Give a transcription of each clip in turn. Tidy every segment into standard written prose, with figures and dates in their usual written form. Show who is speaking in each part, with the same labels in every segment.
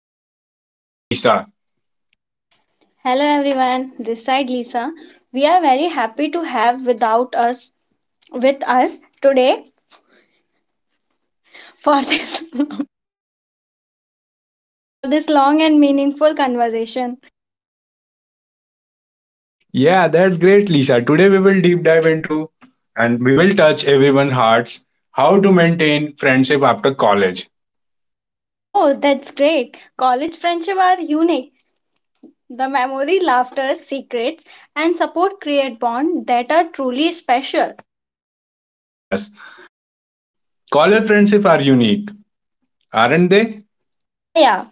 Speaker 1: here is my co host Lisa.
Speaker 2: Hello everyone, this side Lisa. We are very happy to have without us with us today for this for this long and meaningful conversation.
Speaker 1: Yeah, that's great, Lisa. Today, we will deep dive into and we will touch everyone's hearts how to maintain friendship after college.
Speaker 2: Oh, that's great. College friendship are unique. The memory, laughter, secrets and support create bond that are truly special.
Speaker 1: Yes, college friendships are unique, aren't they?
Speaker 2: Yeah, yeah.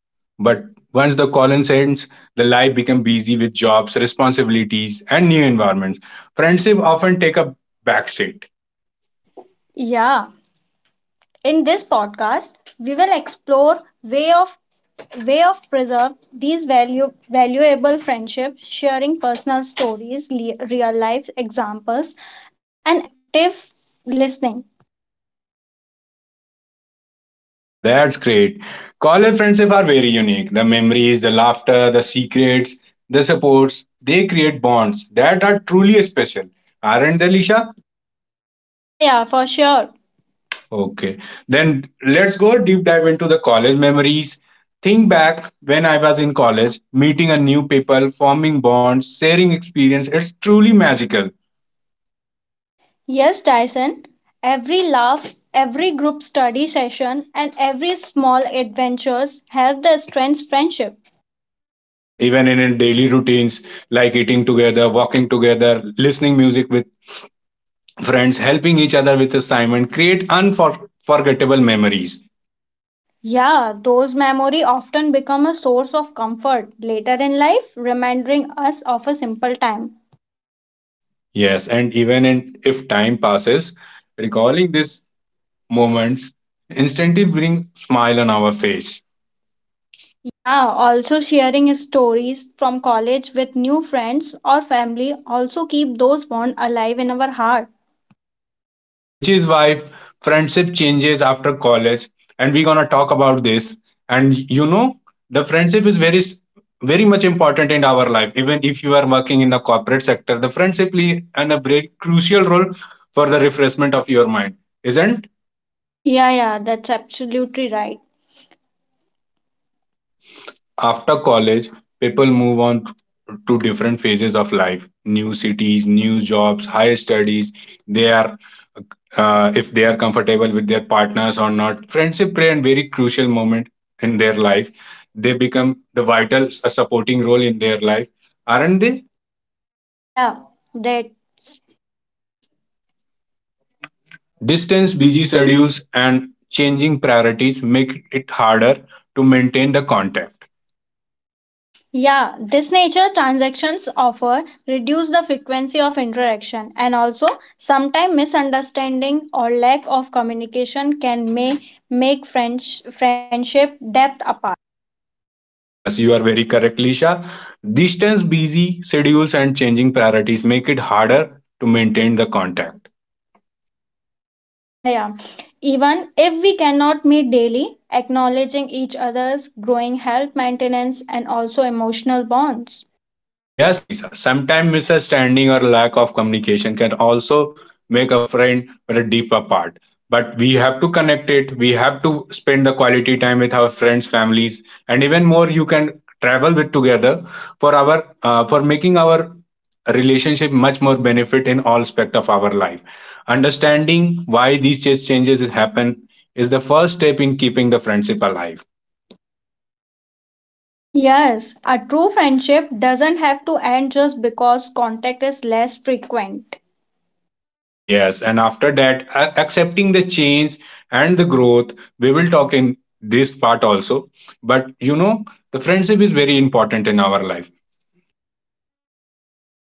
Speaker 1: But once the college ends, the life becomes busy with jobs, responsibilities, and new environments. Friendship often take a backseat.
Speaker 2: Yeah. In this podcast, we will explore way of way of preserve these value valuable friendships sharing personal stories real life examples and active listening.
Speaker 1: Yeah, that's great. College friendship are very unique. The memories, the laughter, the secrets, the supports, they create bonds that are truly special. Aren't they, Lisha?
Speaker 2: Yeah, yeah, for sure.
Speaker 1: Okay. Then let's go deep dive into the college memories. Think back when I was in college, meeting a new people, forming bonds, sharing experience. It's truly magical.
Speaker 2: Yes, Tyson, every laugh every group study session and every small adventures help the strength friendship.
Speaker 1: Yes, even in daily routines like eating together, walking together, listening music with friends helping each other with assignment create unforgettable memories.
Speaker 2: Yeah, those memory often become a source of comfort later in life reminding us of a simple time.
Speaker 1: Yes, and even in, if time passes, recalling these moments instantly bring smile on our face.
Speaker 2: Yeah, also sharing stories from college with new friends or family also keep those bonds alive in our heart.
Speaker 1: Yeah, which is why friendship changes after college, and we're gonna talk about this. And you know the friendship is very very much important in our life. Even if you are working in the corporate sector, the friendship play an a very crucial role for the refreshment of your mind, isn't
Speaker 2: Yeah, yeah, that's absolutely right.
Speaker 1: After college, people move on to different phases of life, new cities, new jobs, higher studies. They are, if they are comfortable with their partners or not. Friendship play a very crucial moment in their life. They become the vital supporting role in their life. Aren't they?
Speaker 2: Yeah, that Distance,
Speaker 1: Distance,
Speaker 2: busy
Speaker 1: busy
Speaker 2: schedules.
Speaker 1: schedules, and changing priorities make it harder to maintain the contact.
Speaker 2: Yeah, this nature transactions offer reduce the frequency of interaction, and also sometimes misunderstanding or lack of communication can may make friendship depth apart.
Speaker 1: Yes, you are very correct, Lisha. Distance, busy schedules, and changing priorities make it harder to maintain the contact.
Speaker 2: Yeah, yeah. Even if we cannot meet daily, acknowledging each other's growing health maintenance and also emotional bonds.
Speaker 1: Yes, Lisa. Sometimes misunderstanding or lack of communication can also make a friend but a deep apart. But we have to connect it. We have to spend the quality time with our friends, families, and even more. You can travel with together for our for making our relationship much more benefit in all aspect of our life. Understanding why these changes happen is the first step in keeping the friendship alive.
Speaker 2: Yes, a true friendship doesn't have to end just because contact is less frequent.
Speaker 1: Yes, and after that, accepting the change and the growth, we will talk in this part also. But you know, the friendship is very important in our life.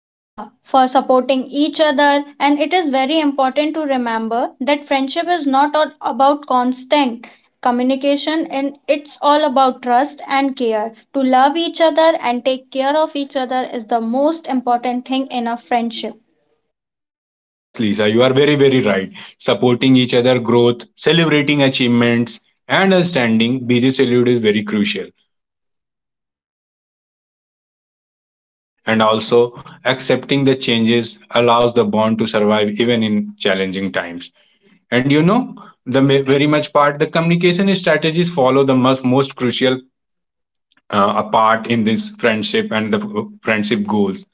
Speaker 2: Yeah, for supporting each other, and it is very important to remember that friendship is not all about constant communication, and it's all about trust and care. To love each other and take care of each other is the most important thing in a friendship.
Speaker 1: Yes, Lisa, you are very, very right. Supporting each other growth, celebrating achievements, and understanding busy salute is very crucial. And also, accepting the changes allows the bond to survive even in challenging times. And you know, the very much part, the communication strategies follow the most crucial a part in this friendship and the friendship goals.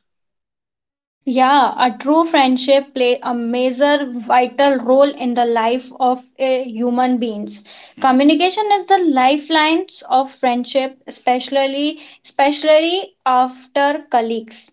Speaker 2: Yeah, a true friendship play a major vital role in the life of a human beings. Communication is the lifelines of friendship, especially after colleagues.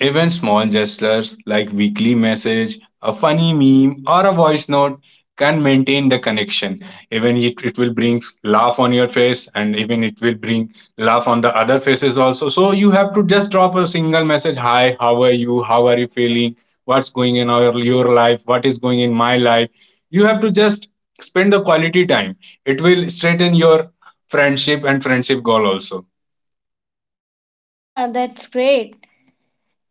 Speaker 1: Even small gestures like weekly message, a funny meme, or a voice note can maintain the connection. Even it will bring laugh on your face, and even it will bring laugh on the other faces also. So you have to just drop a single message: "Hi, how are you? How are you feeling? What's going in your life? What is going in my life?" You have to just spend the quality time. It will straighten your friendship and friendship goal also.
Speaker 2: Yeah, that's great.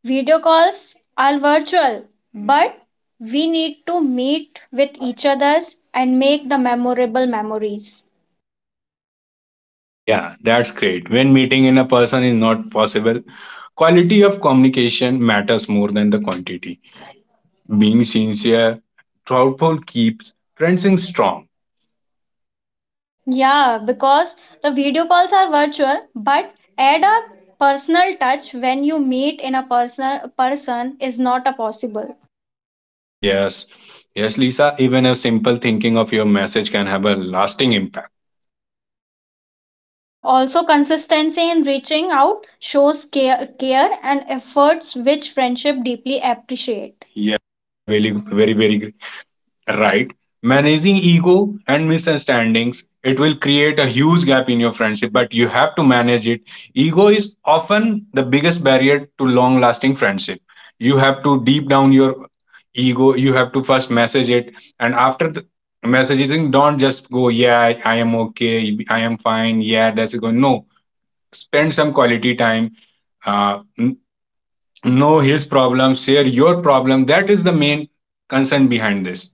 Speaker 2: Video calls are virtual, but we need to meet with each others and make the memorable memories.
Speaker 1: Yeah, that's great. When meeting in a person is not possible, quality of communication matters more than the quantity. Being sincere, thoughtful keeps friendships strong.
Speaker 2: Yeah, because the video calls are virtual, but add a personal touch when you meet in a person is not a possible.
Speaker 1: Yes, yes, Lisa. Even a simple thinking of your message can have a lasting impact.
Speaker 2: Yeah, also consistency in reaching out shows care, and efforts which friendship deeply appreciate.
Speaker 1: Yeah, you are very right. Managing ego and misunderstandings, it will create a huge gap in your friendship, but you have to manage it. Ego is often the biggest barrier to long lasting friendship. You have to deep down your ego, you have to first message it, and after the messaging, don't just go, yeah, I am okay, I am fine, yeah, that's good. No, spend some quality time, uh, n- know his problem, share your problem. That is the main concern behind this.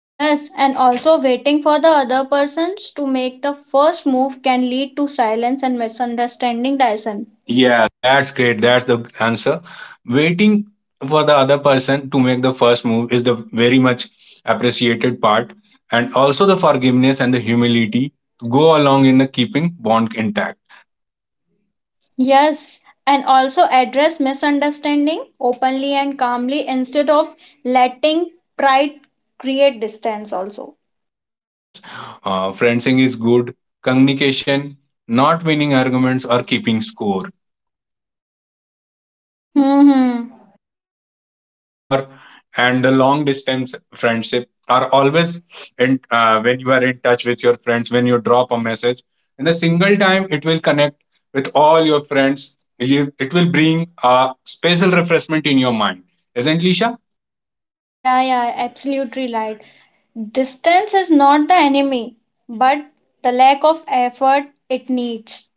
Speaker 2: Yes, and also waiting for the other persons to make the first move can lead to silence and misunderstanding, Dyson. Yeah.
Speaker 1: Yeah, that's great. That's the answer. Waiting for the other person to make the first move is the very much appreciated part, and also the forgiveness and the humility go along in the keeping bond intact.
Speaker 2: Yes, and also address misunderstanding openly and calmly instead of letting pride create distance also.
Speaker 1: Yes, friendsing is good. Communication, not winning arguments or keeping score.
Speaker 2: Hmm.
Speaker 1: Or and the long distance friendship are always in when you are in touch with your friends, when you drop a message in a single time, it will connect with all your friends. You, it will bring a special refreshment in your mind, isn't Lisha?
Speaker 2: Yeah, yeah, absolutely right. Distance is not the enemy, but the lack of effort it needs.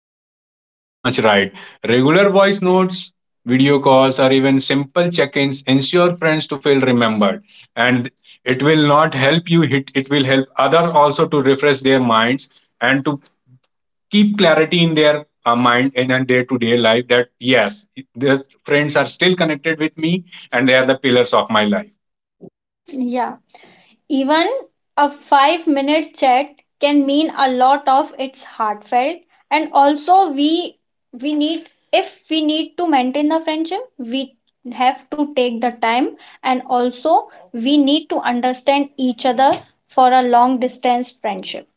Speaker 1: Yes, you are very much right. Regular voice notes, video calls, or even simple check-ins ensure friends to feel remembered, and it will not help you hit, it will help other also to refresh their minds and to keep clarity in their mind and in their day-to-day life. That yes, these friends are still connected with me and they are the pillars of my life.
Speaker 2: Yeah. Even a 5-minute chat can mean a lot of it's heartfelt, and also we need if we need to maintain the friendship, we have to take the time and also we need to understand each other for a long distance friendship.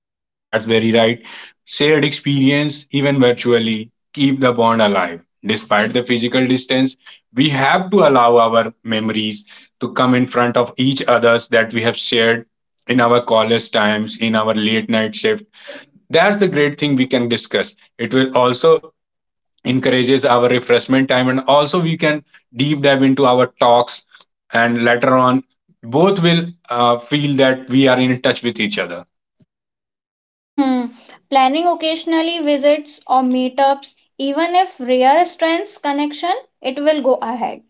Speaker 1: Yes, that's very right. Shared experience even virtually keep the bond alive despite the physical distance. We have to allow our memories to come in front of each others that we have shared in our college times, in our late night shift. That's the great thing we can discuss. It will also encourages our refreshment time, and also we can deep dive into our talks, and later on both will feel that we are in touch with each other.
Speaker 2: Hmm. Planning occasionally visits or meetups, even if rare, strengths connection. It will go ahead.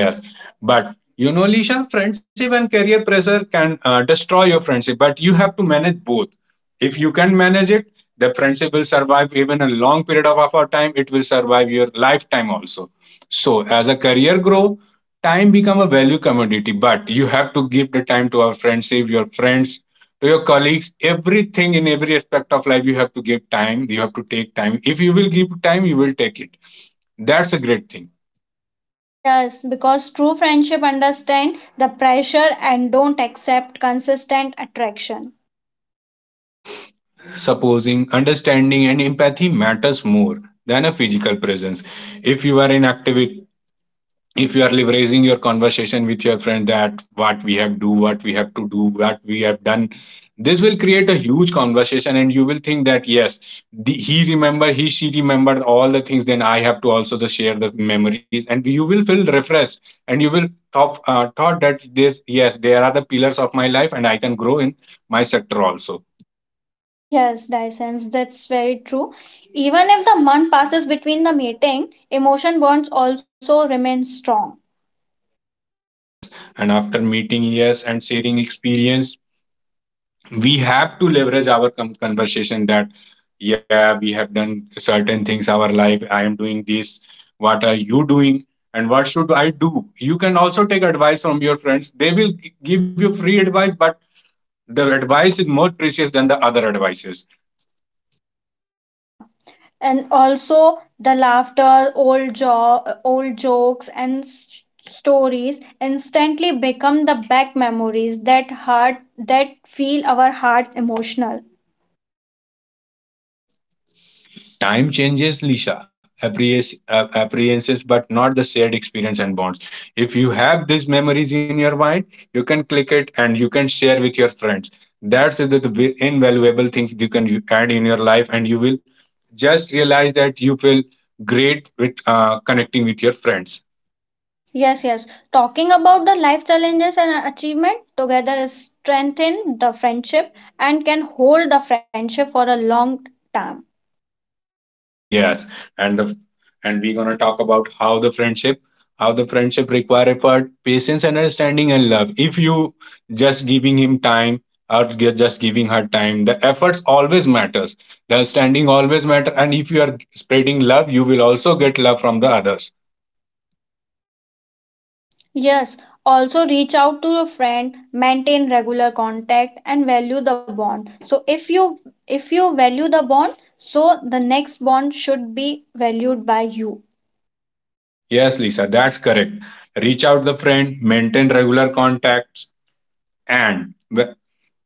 Speaker 1: Yes, but you know, Lisha, friendship and career pressure can destroy your friendship, but you have to manage both. If you can manage it, the friendship will survive even a long period of our time. It will survive your lifetime also. So, as a career grow, time become a value commodity, but you have to give the time to our friendship, your friends, to your colleagues, everything in every aspect of life. You have to give time. You have to take time. If you will give time, you will take it. That's a great thing.
Speaker 2: Yes, because true friendship understand the pressure and don't accept consistent attraction.
Speaker 1: Yes. Supposing understanding and empathy matters more than a physical presence. If you are in active, if you are leveraging your conversation with your friend, that what we have do, what we have to do, what we have done, this will create a huge conversation and you will think that yes he remember, he she remembered all the things, then I have to also the share the memories and you will feel refreshed. And you will thought that this yes there are the pillars of my life and I can grow in my sector also.
Speaker 2: Yes, Dyson, that's very true. Even if the month passes between the meeting, emotion bonds also remain strong.
Speaker 1: Yes, and after meeting yes and sharing experience, we have to leverage our conversation that yeah, we have done certain things our life. I am doing this. What are you doing? And what should I do? You can also take advice from your friends. They will give you free advice, but the advice is more precious than the other advices.
Speaker 2: Yeah, and also the laughter, old jokes and stories instantly become the back memories that heart that feel our heart emotional.
Speaker 1: Time changes, Lisa, apprehensions, but not the shared experience and bonds. If you have these memories in your mind, you can click it and you can share with your friends. That's the invaluable things you can you add in your life, and you will just realize that you feel great with connecting with your friends.
Speaker 2: Yes, yes. Talking about the life challenges and achievement together is strengthen the friendship and can hold the friendship for a long time.
Speaker 1: Yes, and the and we're gonna talk about how the friendship require effort, patience, understanding, and love. If you just giving him time just giving her time, the efforts always matters. The understanding always matter, and if you are spreading love, you will also get love from the others.
Speaker 2: Yes, also reach out to a friend, maintain regular contact and value the bond. So if you value the bond, so the next bond should be valued by you.
Speaker 1: Yes, Lisa, that's correct. Reach out the friend, maintain regular contacts, and the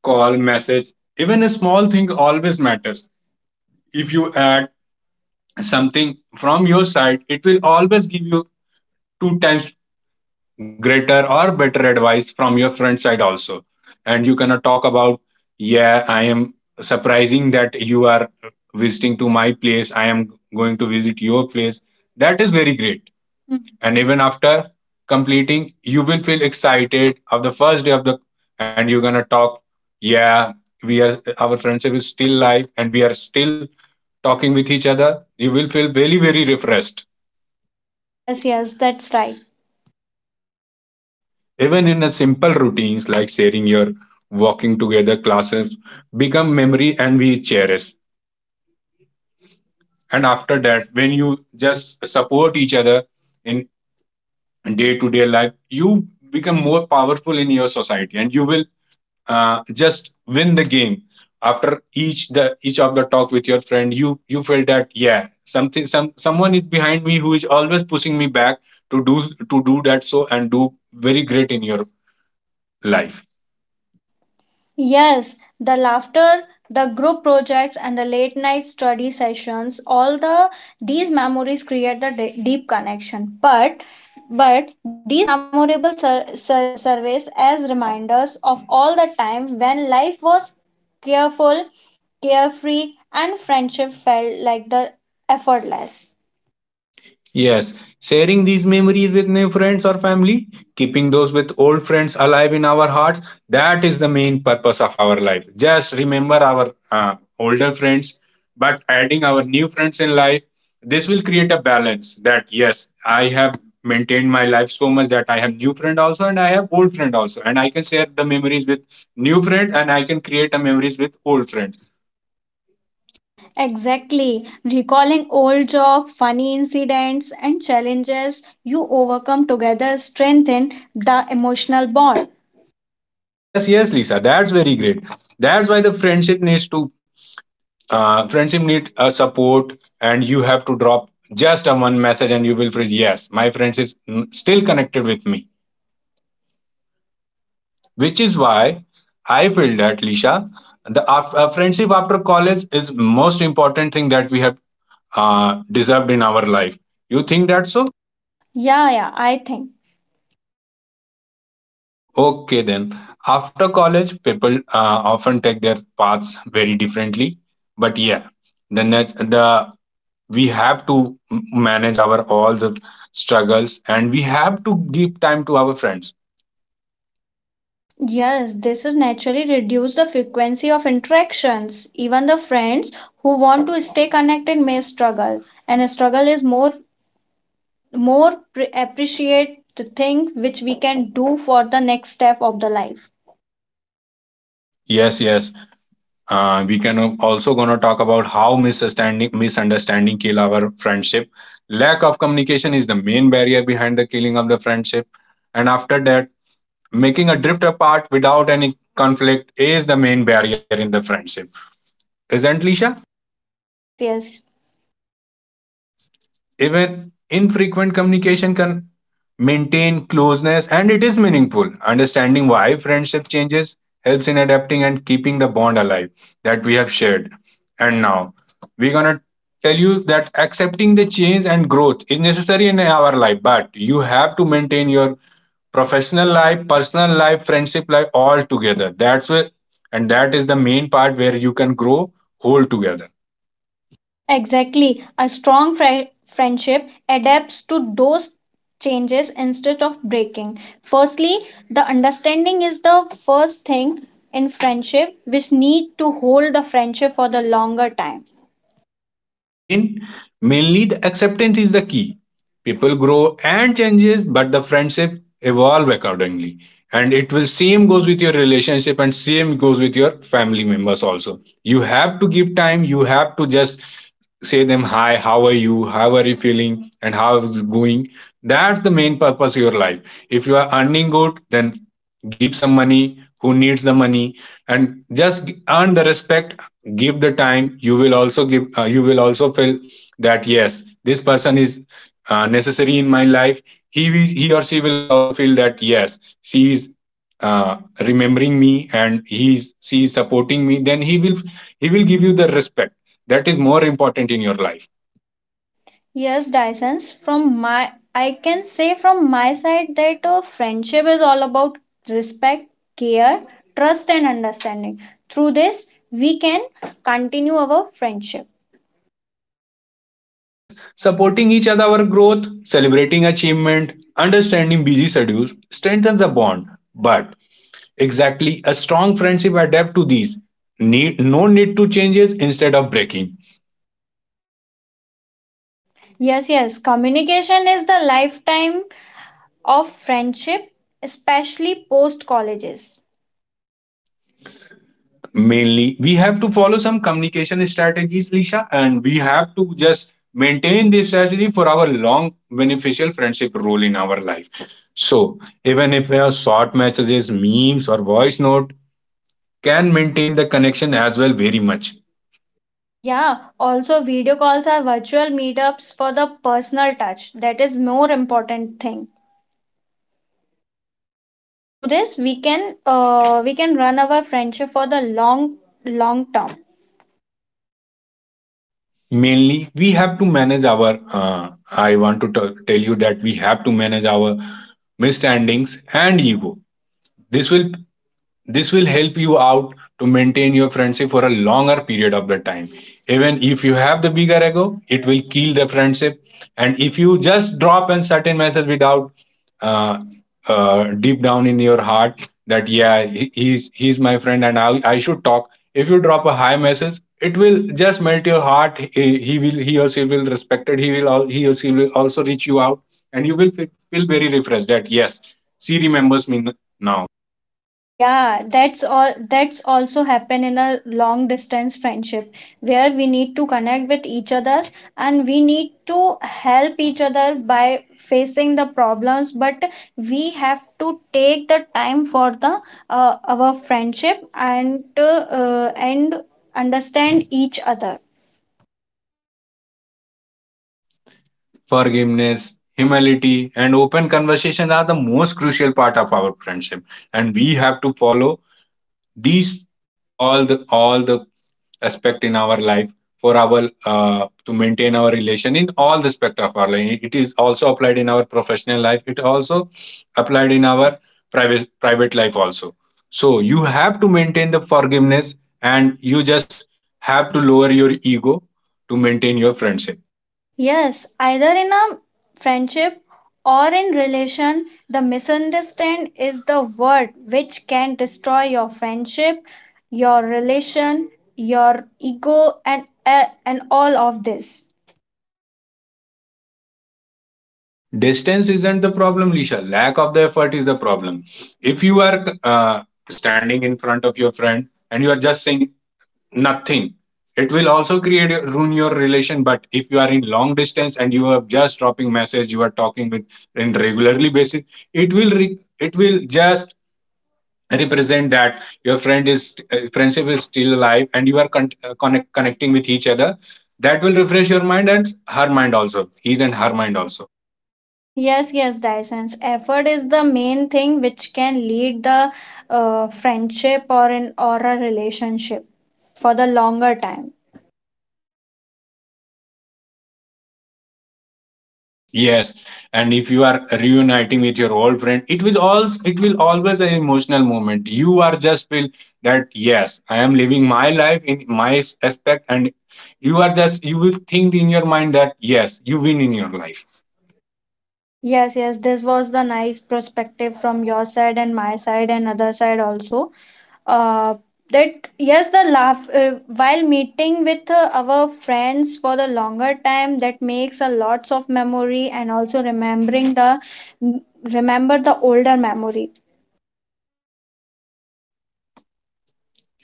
Speaker 1: call, message, even a small thing always matters. If you add something from your side, it will always give you two times greater or better advice from your friend side also. And you cannot talk about, yeah, I am surprising that you are visiting to my place. I am going to visit your place. That is very great. And even after completing, you will feel excited of the first day of the, and you're gonna talk, yeah, we are our friendship is still live and we are still talking with each other. You will feel very refreshed.
Speaker 2: Yes, yes, that's right.
Speaker 1: Even in a simple routines like sharing your walking together classes become memory and we cherish. And after that, when you just support each other in day to day life, you become more powerful in your society and you will just win the game. After each of the talk with your friend, you feel that yeah something some someone is behind me who is always pushing me back to do to do that, so and do very great in your life.
Speaker 2: Yes, the laughter, the group projects and the late night study sessions, all these memories create the deep connection. But these memorable surveys as reminders of all the time when life was careful, carefree and friendship felt like the effortless.
Speaker 1: Yes, sharing these memories with new friends or family, keeping those with old friends alive in our hearts, that is the main purpose of our life. Just remember our older friends, but adding our new friends in life, this will create a balance that yes, I have maintained my life so much that I have new friend also and I have old friend also and I can share the memories with new friend and I can create a memories with old friend.
Speaker 2: Exactly. Recalling old jokes, funny incidents, and challenges you overcome together strengthen the emotional bond.
Speaker 1: Yes, yes, Lisa, that's very great. That's why the friendship needs to friendship needs a support, and you have to drop just a one message and you will feel yes my friends is still connected with me, which is why I feel that Lisha, the friendship after college is most important thing that we have deserved in our life. You think that so?
Speaker 2: Yeah, yeah, I think.
Speaker 1: Okay, then after college people often take their paths very differently, but yeah, the we have to manage our all the struggles and we have to give time to our friends.
Speaker 2: Yes, this is naturally reduce the frequency of interactions. Even the friends who want to stay connected may struggle, and a struggle is more appreciate the thing which we can do for the next step of the life.
Speaker 1: Yes, yes, we can also gonna talk about how misunderstanding kill our friendship. Lack of communication is the main barrier behind the killing of the friendship, and after that, making a drift apart without any conflict is the main barrier in the friendship, isn't Lisha.
Speaker 2: Yes, yes.
Speaker 1: Even infrequent communication can maintain closeness and it is meaningful. Understanding why friendship changes helps in adapting and keeping the bond alive that we have shared. And now we're gonna tell you that accepting the change and growth is necessary in our life, but you have to maintain your professional life, personal life, friendship life all together. That's where and that is the main part where you can grow whole together.
Speaker 2: Exactly. A strong friendship adapts to those changes instead of breaking. Firstly, the understanding is the first thing in friendship which need to hold the friendship for the longer time.
Speaker 1: Main, Mainly the acceptance is the key. People grow and changes, but the friendship evolve accordingly. And it will same goes with your relationship and same goes with your family members also. You have to give time. You have to just say them hi, how are you, how are you feeling, and how is it going? That's the main purpose of your life. If you are earning good, then give some money who needs the money, and just earn the respect. Give the time, you will also give, you will also feel that yes, this person is necessary in my life. He or she will also feel that yes, she is remembering me and he is she is supporting me, then he will, he will give you the respect. That is more important in your life.
Speaker 2: Yes, Dyson, from my I can say from my side that a friendship is all about respect, care, trust and understanding. Through this, we can continue our friendship.
Speaker 1: Yes, supporting each other our growth, celebrating achievement, understanding busy schedules strengthens the bond, but exactly. A strong friendship adapt to these. Need, no need to changes instead of breaking.
Speaker 2: Yes, yes, communication is the lifetime of friendship, especially post colleges.
Speaker 1: Mainly, we have to follow some communication strategies, Lisha, and we have to just maintain this strategy for our long beneficial friendship role in our life. So, even if your short messages, memes, or voice note can maintain the connection as well very much.
Speaker 2: Yeah, also video calls are virtual meetups for the personal touch. That is more important thing. Through this, we can run our friendship for the long term.
Speaker 1: Mainly, we have to manage our. I want to tell you that we have to manage our misstandings and ego. This will, this will help you out to maintain your friendship for a longer period of the time. Even if you have the bigger ego, it will kill the friendship. And if you just drop a certain message without uh, deep down in your heart that yeah, he's my friend and I should talk. If you drop a high message, it will just melt your heart. He will, he or she will respect it. He or she will also reach you out, and you will feel very refreshed that yes, she remembers me now.
Speaker 2: Yeah, that's also happen in a long distance friendship where we need to connect with each other and we need to help each other by facing the problems, but we have to take the time for the our friendship and understand each other.
Speaker 1: Forgiveness, humility, and open conversations are the most crucial part of our friendship. And we have to follow these all the aspect in our life for our to maintain our relation in all the spectrum of our life. It is also applied in our professional life. It also applied in our private life also. So you have to maintain the forgiveness, and you just have to lower your ego to maintain your friendship.
Speaker 2: Yes, either in a friendship or in relation, the misunderstand is the word which can destroy your friendship, your relation, your ego, and all of this.
Speaker 1: Distance isn't the problem, Lisha. Lack of the effort is the problem. If you are standing in front of your friend and you are just saying nothing, it will also create ruin your relation. But if you are in long distance and you are just dropping message, you are talking with in regularly basis, it will it will just represent that your friend is friendship is still alive and you are connecting with each other. That will refresh your mind and her mind also, his and her mind also.
Speaker 2: Yes, yes, Dyson's effort is the main thing which can lead the friendship or a relationship for the longer time.
Speaker 1: Yes, and if you are reuniting with your old friend, it will all it will always an emotional moment. You are just feel that yes, I am living my life in my aspect, and you are just you will think in your mind that yes, you win in your life.
Speaker 2: Yes, yes, this was the nice perspective from your side and my side and other side also. uh, that yes, the laugh while meeting with our friends for the longer time, that makes a lots of memory, and also remember the older memory.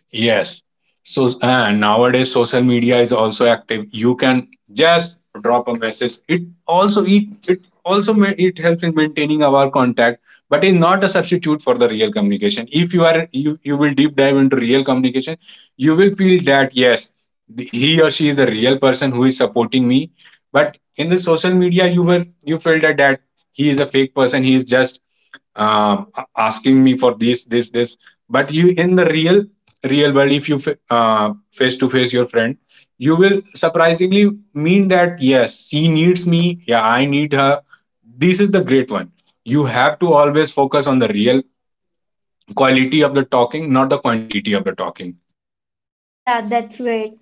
Speaker 1: Yes. So nowadays, social media is also active. You can just drop a message. It also it also it helps in maintaining our contact, but is not a substitute for the real communication. If you are you you will deep dive into real communication, you will feel that yes, the, he or she is the real person who is supporting me. But in the social media, you were you felt that that he is a fake person. He is just asking me for this this this, but you in the real world, if you face to face your friend, you will surprisingly mean that yes, she needs me, yeah, I need her. This is the great one. You have to always focus on the real quality of the talking, not the quantity of the talking.
Speaker 2: Yeah, that's great.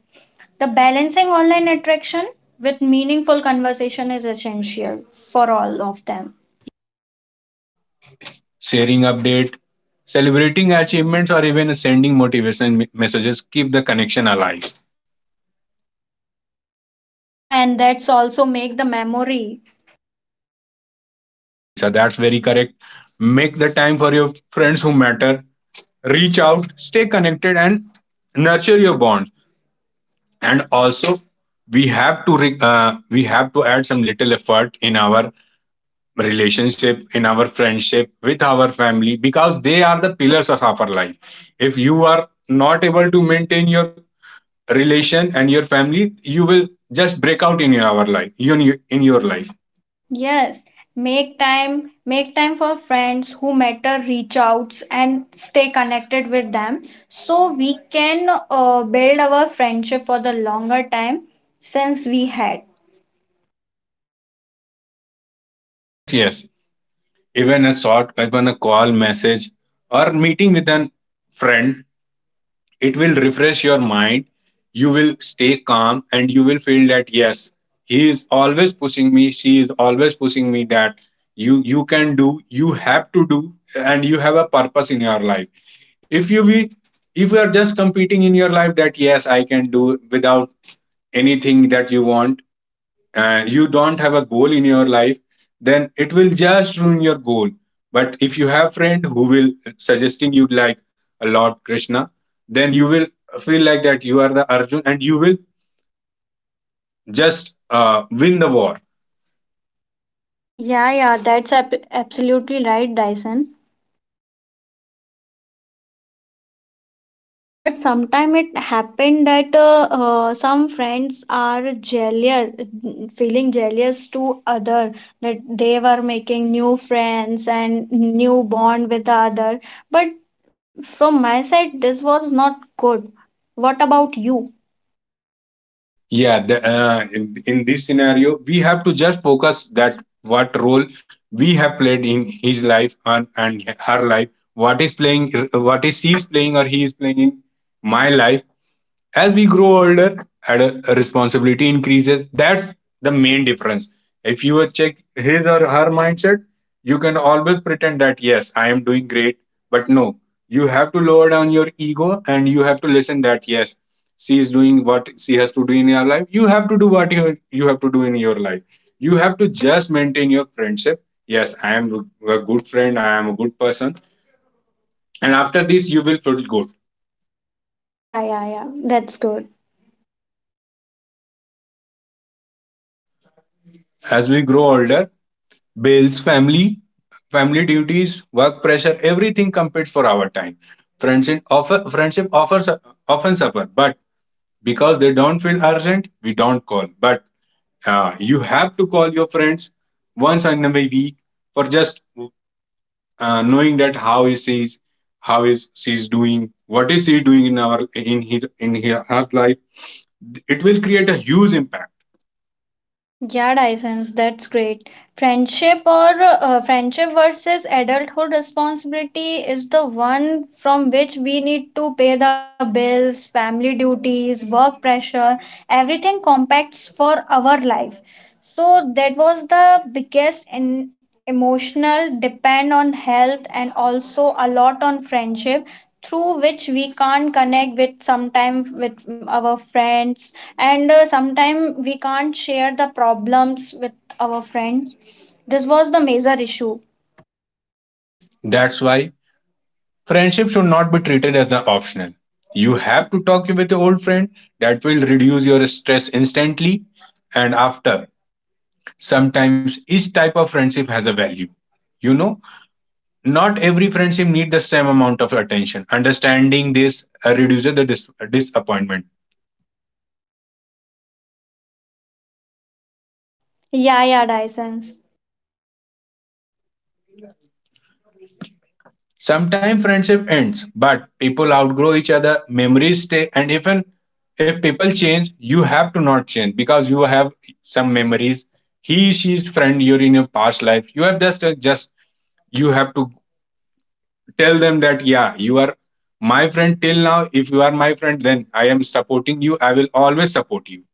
Speaker 2: The balancing online attraction with meaningful conversation is essential for all of them.
Speaker 1: Sharing update, celebrating achievements, or even sending motivation messages keep the connection alive.
Speaker 2: Yeah, and that's also make the memory.
Speaker 1: Yes, Lisa, that's very correct. Make the time for your friends who matter, reach out, stay connected, and nurture your bonds. And also, we have to we have to add some little effort in our relationship, in our friendship with our family, because they are the pillars of our life. If you are not able to maintain your relation and your family, you will just break out in your life. You in your life.
Speaker 2: Yes, make time for friends who matter, reach outs and stay connected with them, so we can build our friendship for the longer time since we had.
Speaker 1: Yes, yes. Even a short, even a call, message, or meeting with an friend, it will refresh your mind. You will stay calm and you will feel that yes, he is always pushing me, she is always pushing me that you can do, you have to do, and you have a purpose in your life. If you be, if you are just competing in your life that yes, I can do without anything that you want and you don't have a goal in your life, then it will just ruin your goal. But if you have friend who will suggesting you like a Lord Krishna, then you will feel like that you are the Arjun and you will just win the war.
Speaker 2: Yeah, yeah, that's absolutely right, Dyson. But sometime it happened that some friends are jealous, feeling jealous to other that they were making new friends and new bond with the other, but from my side this was not good. What about you?
Speaker 1: Yeah, in this scenario we have to just focus that what role we have played in his life and her life, what is playing, what is she is playing or he is playing in my life. As we grow older and responsibility increases, that's the main difference. If you would check his or her mindset, you can always pretend that yes, I am doing great, but no, you have to lower down your ego and you have to listen that yes, she is doing what she has to do in your life, you have to do what you have to do in your life. You have to just maintain your friendship. Yes, I am a good friend, I am a good person, and after this you will feel good.
Speaker 2: Yeah, yeah, yeah, that's good.
Speaker 1: As we grow older, bills, family, family duties, work pressure, everything competes for our time. Friendship offers often suffer, but because they don't feel urgent, we don't call. But you have to call your friends once in a week for just knowing that how he sees, how is she's doing, what is he doing in our in his in her, her life. It will create a huge impact.
Speaker 2: Yeah, Dyson's, that's great. Friendship versus adulthood responsibility is the one from which we need to pay the bills, family duties, work pressure, everything compacts for our life. So that was the biggest in emotional depend on health, and also a lot on friendship through which we can't connect with sometime with our friends, and sometime we can't share the problems with our friends. This was the major issue.
Speaker 1: That's why friendship should not be treated as an optional. You have to talk with your old friend. That will reduce your stress instantly, and after. Sometimes each type of friendship has a value. You know, not every friendship needs the same amount of attention. Understanding this reduces the disappointment.
Speaker 2: Yeah, yeah, Dyson.
Speaker 1: Sometimes friendship ends, but people outgrow each other, memories stay, and even if people change, you have to not change because you have some memories. She's friend you're in your past life. You have just you have to tell them that yeah, you are my friend till now. If you are my friend, then I am supporting you. I will always support you.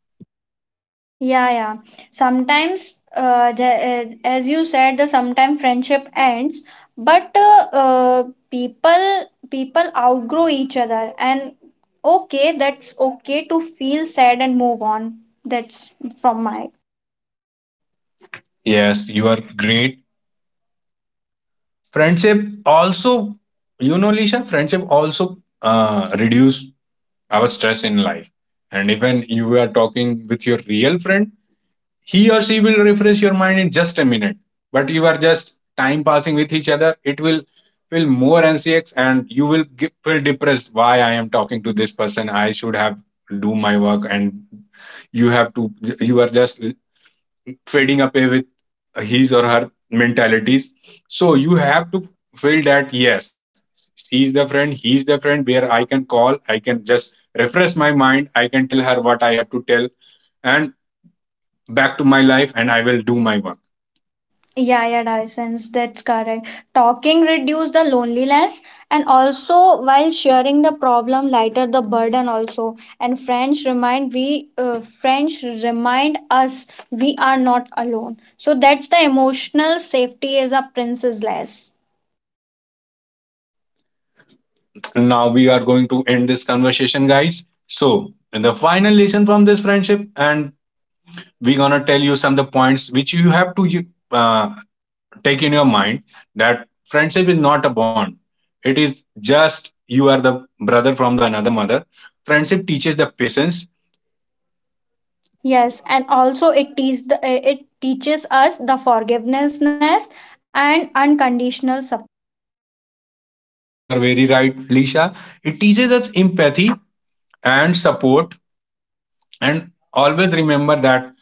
Speaker 2: Yeah, yeah. Sometimes, as you said, the sometimes friendship ends, but uh, people outgrow each other, and okay, that's okay to feel sad and move on. That's from my.
Speaker 1: Yes, you are great. Friendship also, you know, Lisha, friendship also reduce our stress in life. And if when you are talking with your real friend, he or she will refresh your mind in just a minute. But you are just time passing with each other, it will feel more anxious and you will feel depressed. Why I am talking to this person? I should have do my work, and you have to, you are just fading away with his or her mentalities. So you have to feel that yes, she's the friend, he's the friend where I can call, I can just refresh my mind, I can tell her what I have to tell, and back to my life, and I will do my work.
Speaker 2: Yeah, yeah, Dyson, that's correct. Talking reduce the loneliness, and also while sharing the problem lighter the burden also. And French remind we, French remind us, we are not alone. So that's the emotional safety as a princess less.
Speaker 1: Now we are going to end this conversation, guys. So the final lesson from this friendship, and we're gonna tell you some of the points which you have to uh, take in your mind, that friendship is not a bond, it is just you are the brother from the another mother. Friendship teaches the patience.
Speaker 2: Yes, and also it teaches the, it teaches us the forgiveness and unconditional support.
Speaker 1: Yes, you are very right, Lisha. It teaches us empathy and support, and always remember that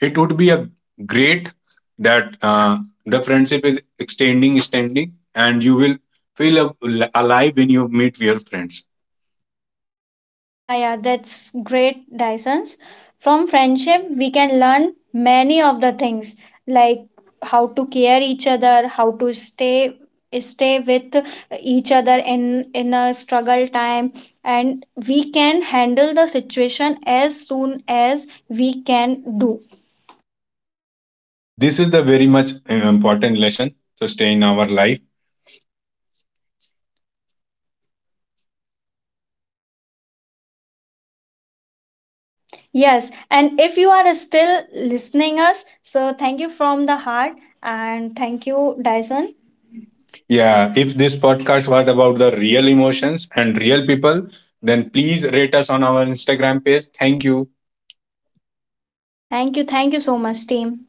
Speaker 1: it would be a great that the friendship is extending, and you will feel alive when you meet your friends.
Speaker 2: Yeah, yeah, that's great, Dysons. From friendship, we can learn many of the things, like how to care each other, how to stay with each other in a struggle time, and we can handle the situation as soon as we can do.
Speaker 1: Yeah, this is the very much important lesson to stay in our life.
Speaker 2: Yes, and if you are still listening us, so thank you from the heart, and thank you, Dyson.
Speaker 1: Yeah, if this podcast was about the real emotions and real people, then please rate us on our Instagram page. Thank you.
Speaker 2: Thank you, thank you so much, team.